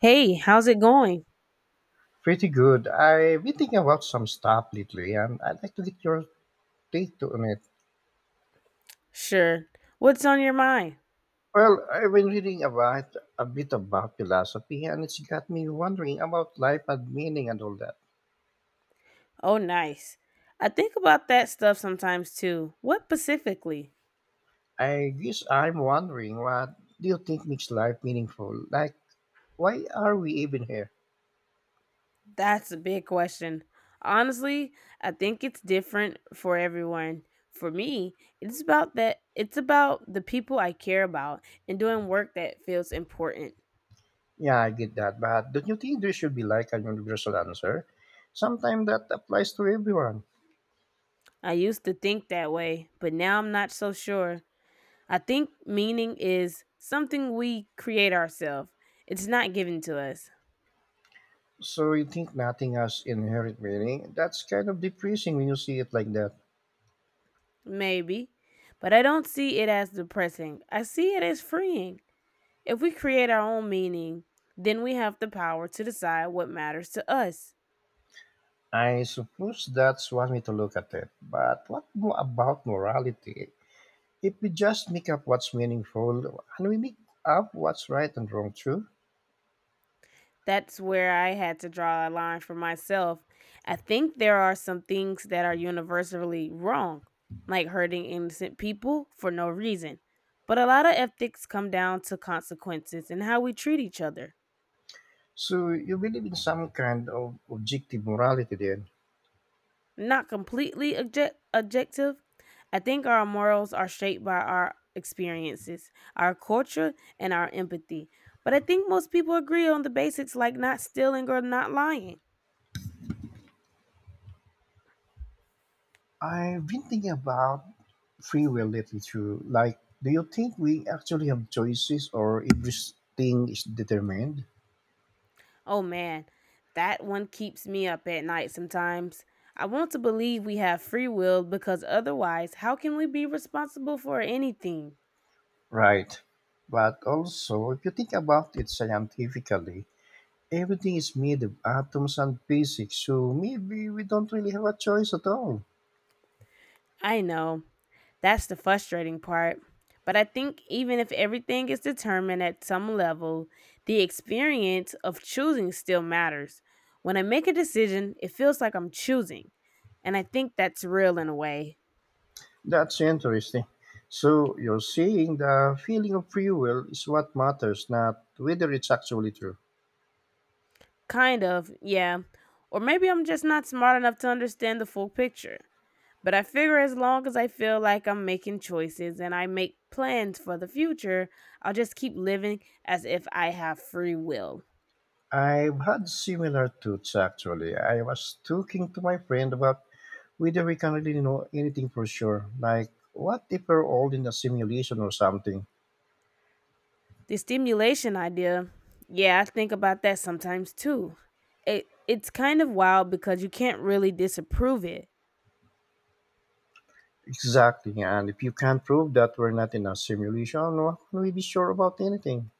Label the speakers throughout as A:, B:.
A: Hey, how's it going?
B: Pretty good. I've been thinking about some stuff lately, and I'd like to get your take on it.
A: Sure. What's on your mind?
B: Well, I've been reading about a bit about philosophy, and it's got me wondering about life and meaning and all that.
A: Oh, nice. I think about that stuff sometimes too. What specifically?
B: I guess I'm wondering, what do you think makes life meaningful? Like, why are we even here?
A: That's a big question. Honestly, I think it's different for everyone. For me, it's about the people I care about and doing work that feels important.
B: Yeah, I get that, but don't you think there should be like a universal answer sometimes that applies to everyone?
A: I used to think that way, but now I'm not so sure. I think meaning is something we create ourselves. It's not given to us.
B: So you think nothing has inherent meaning? That's kind of depressing when you see it like that.
A: Maybe. But I don't see it as depressing. I see it as freeing. If we create our own meaning, then we have the power to decide what matters to us.
B: I suppose that's one way to look at it, but what about morality? If we just make up what's meaningful, and we make up what's right and wrong too?
A: That's where I had to draw a line for myself. I think there are some things that are universally wrong, like hurting innocent people for no reason. But a lot of ethics come down to consequences and how we treat each other.
B: So you believe in some kind of objective morality then?
A: Not completely objective. I think our morals are shaped by our experiences, our culture, and our empathy. But I think most people agree on the basics, like not stealing or not lying.
B: I've been thinking about free will lately too. Like, do you think we actually have choices, or everything is determined?
A: Oh man, that one keeps me up at night sometimes. I want to believe we have free will, because otherwise, how can we be responsible for anything?
B: Right. But also, if you think about it scientifically, everything is made of atoms and physics, so maybe we don't really have a choice at all.
A: I know. That's the frustrating part. But I think even if everything is determined at some level, the experience of choosing still matters. When I make a decision, it feels like I'm choosing. And I think that's real in a way.
B: That's interesting. So you're saying the feeling of free will is what matters, not whether it's actually true.
A: Kind of, yeah. Or maybe I'm just not smart enough to understand the full picture. But I figure, as long as I feel like I'm making choices and I make plans for the future, I'll just keep living as if I have free will.
B: I've had similar thoughts actually. I was talking to my friend about whether we can really know anything for sure. Like, what if we're all in a simulation or something?
A: The stimulation idea, yeah, I think about that sometimes too. It's kind of wild because you can't really disapprove it.
B: Exactly. And if you can't prove that we're not in a simulation, what can we be sure about anything?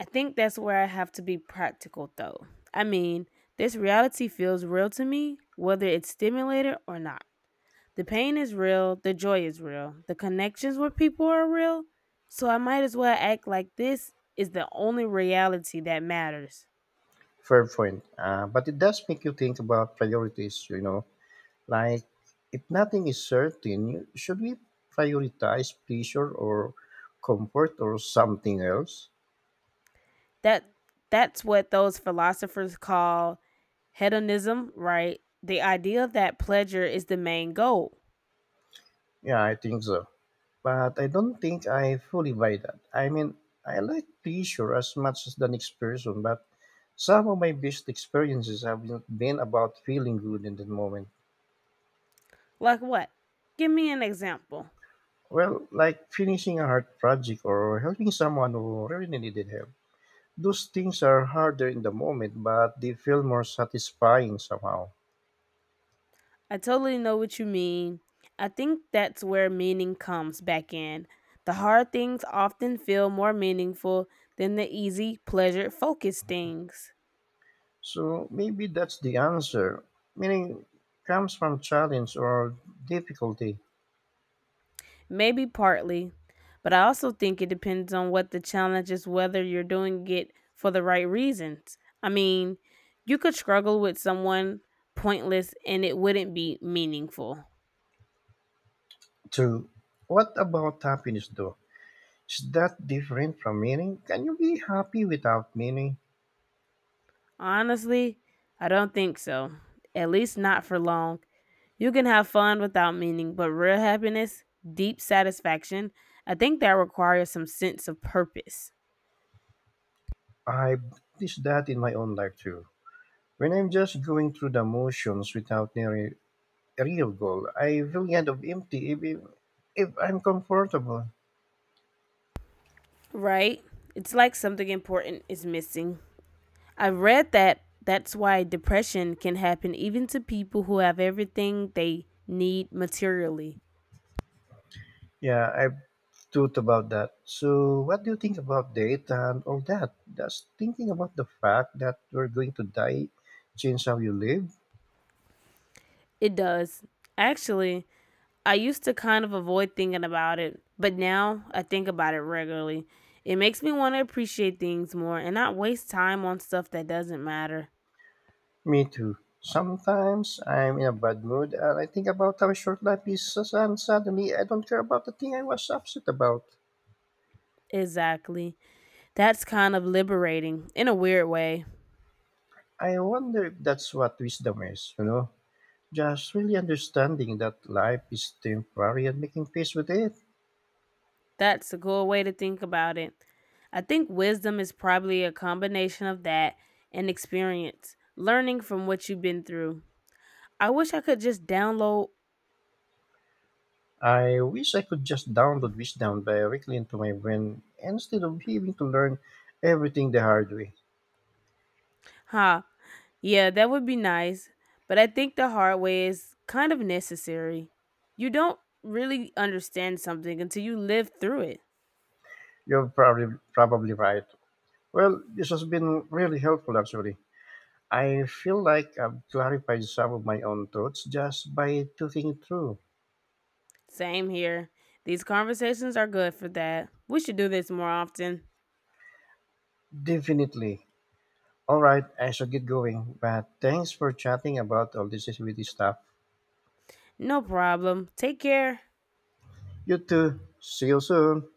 A: I think that's where I have to be practical though. I mean, this reality feels real to me whether it's stimulated or not. The pain is real, the joy is real, the connections with people are real, so I might as well act like this is the only reality that matters.
B: Fair point. But it does make you think about priorities, like, if nothing is certain, should we prioritize pleasure or comfort or something else?
A: that that's what those philosophers call hedonism, right? The idea that pleasure is the main goal.
B: Yeah, I think so. But I don't think I fully buy that. I like pleasure as much as the next person, but some of my best experiences have been about feeling good in that moment.
A: Like what? Give me an example.
B: Well, like finishing a hard project or helping someone who really needed help. Those things are harder in the moment, but they feel more satisfying somehow.
A: I totally know what you mean. I think that's where meaning comes back in. The hard things often feel more meaningful than the easy, pleasure focused things.
B: So maybe that's the answer. Meaning comes from challenge or difficulty.
A: Maybe partly, but I also think it depends on what the challenge is, whether you're doing it for the right reasons. I mean, you could struggle with someone pointless and it wouldn't be meaningful.
B: Two, what about happiness though? Is that different from meaning? Can you be happy without meaning?
A: Honestly, I don't think so. At least not for long. You can have fun without meaning, but real happiness, deep satisfaction, I think that requires some sense of purpose,
B: I've noticed that in my own life too. When I'm just going through the motions without any real goal, I feel kind of empty if I'm comfortable.
A: right? It's like something important is missing. I read that that's why depression can happen even to people who have everything they need materially.
B: Yeah, I've thought about that. So, what do you think about date and all that? Does thinking about the fact that we're going to die change how you live?
A: It does. Actually, I used to kind of avoid thinking about it, but now I think about it regularly. It makes me want to appreciate things more and not waste time on stuff that doesn't matter.
B: Me too. Sometimes I'm in a bad mood and I think about how short life is, and suddenly I don't care about the thing I was upset about.
A: Exactly. That's kind of liberating in a weird way.
B: I wonder if that's what wisdom is, Just really understanding that life is temporary and making peace with it.
A: That's a cool way to think about it. I think wisdom is probably a combination of that and experience, learning from what you've been through. I wish I could just download,
B: I wish I could just download wisdom directly into my brain instead of having to learn everything the hard way.
A: huh? Yeah, that would be nice. But I think the hard way is kind of necessary. You don't really understand something until you live through it.
B: You're probably right. Well, this has been really helpful actually. I feel like I've clarified some of my own thoughts just by talking it through.
A: Same here. These conversations are good for that. We should do this more often.
B: Definitely. All right, I should get going. But thanks for chatting about all this with this stuff.
A: No problem. Take care.
B: You too. See you soon.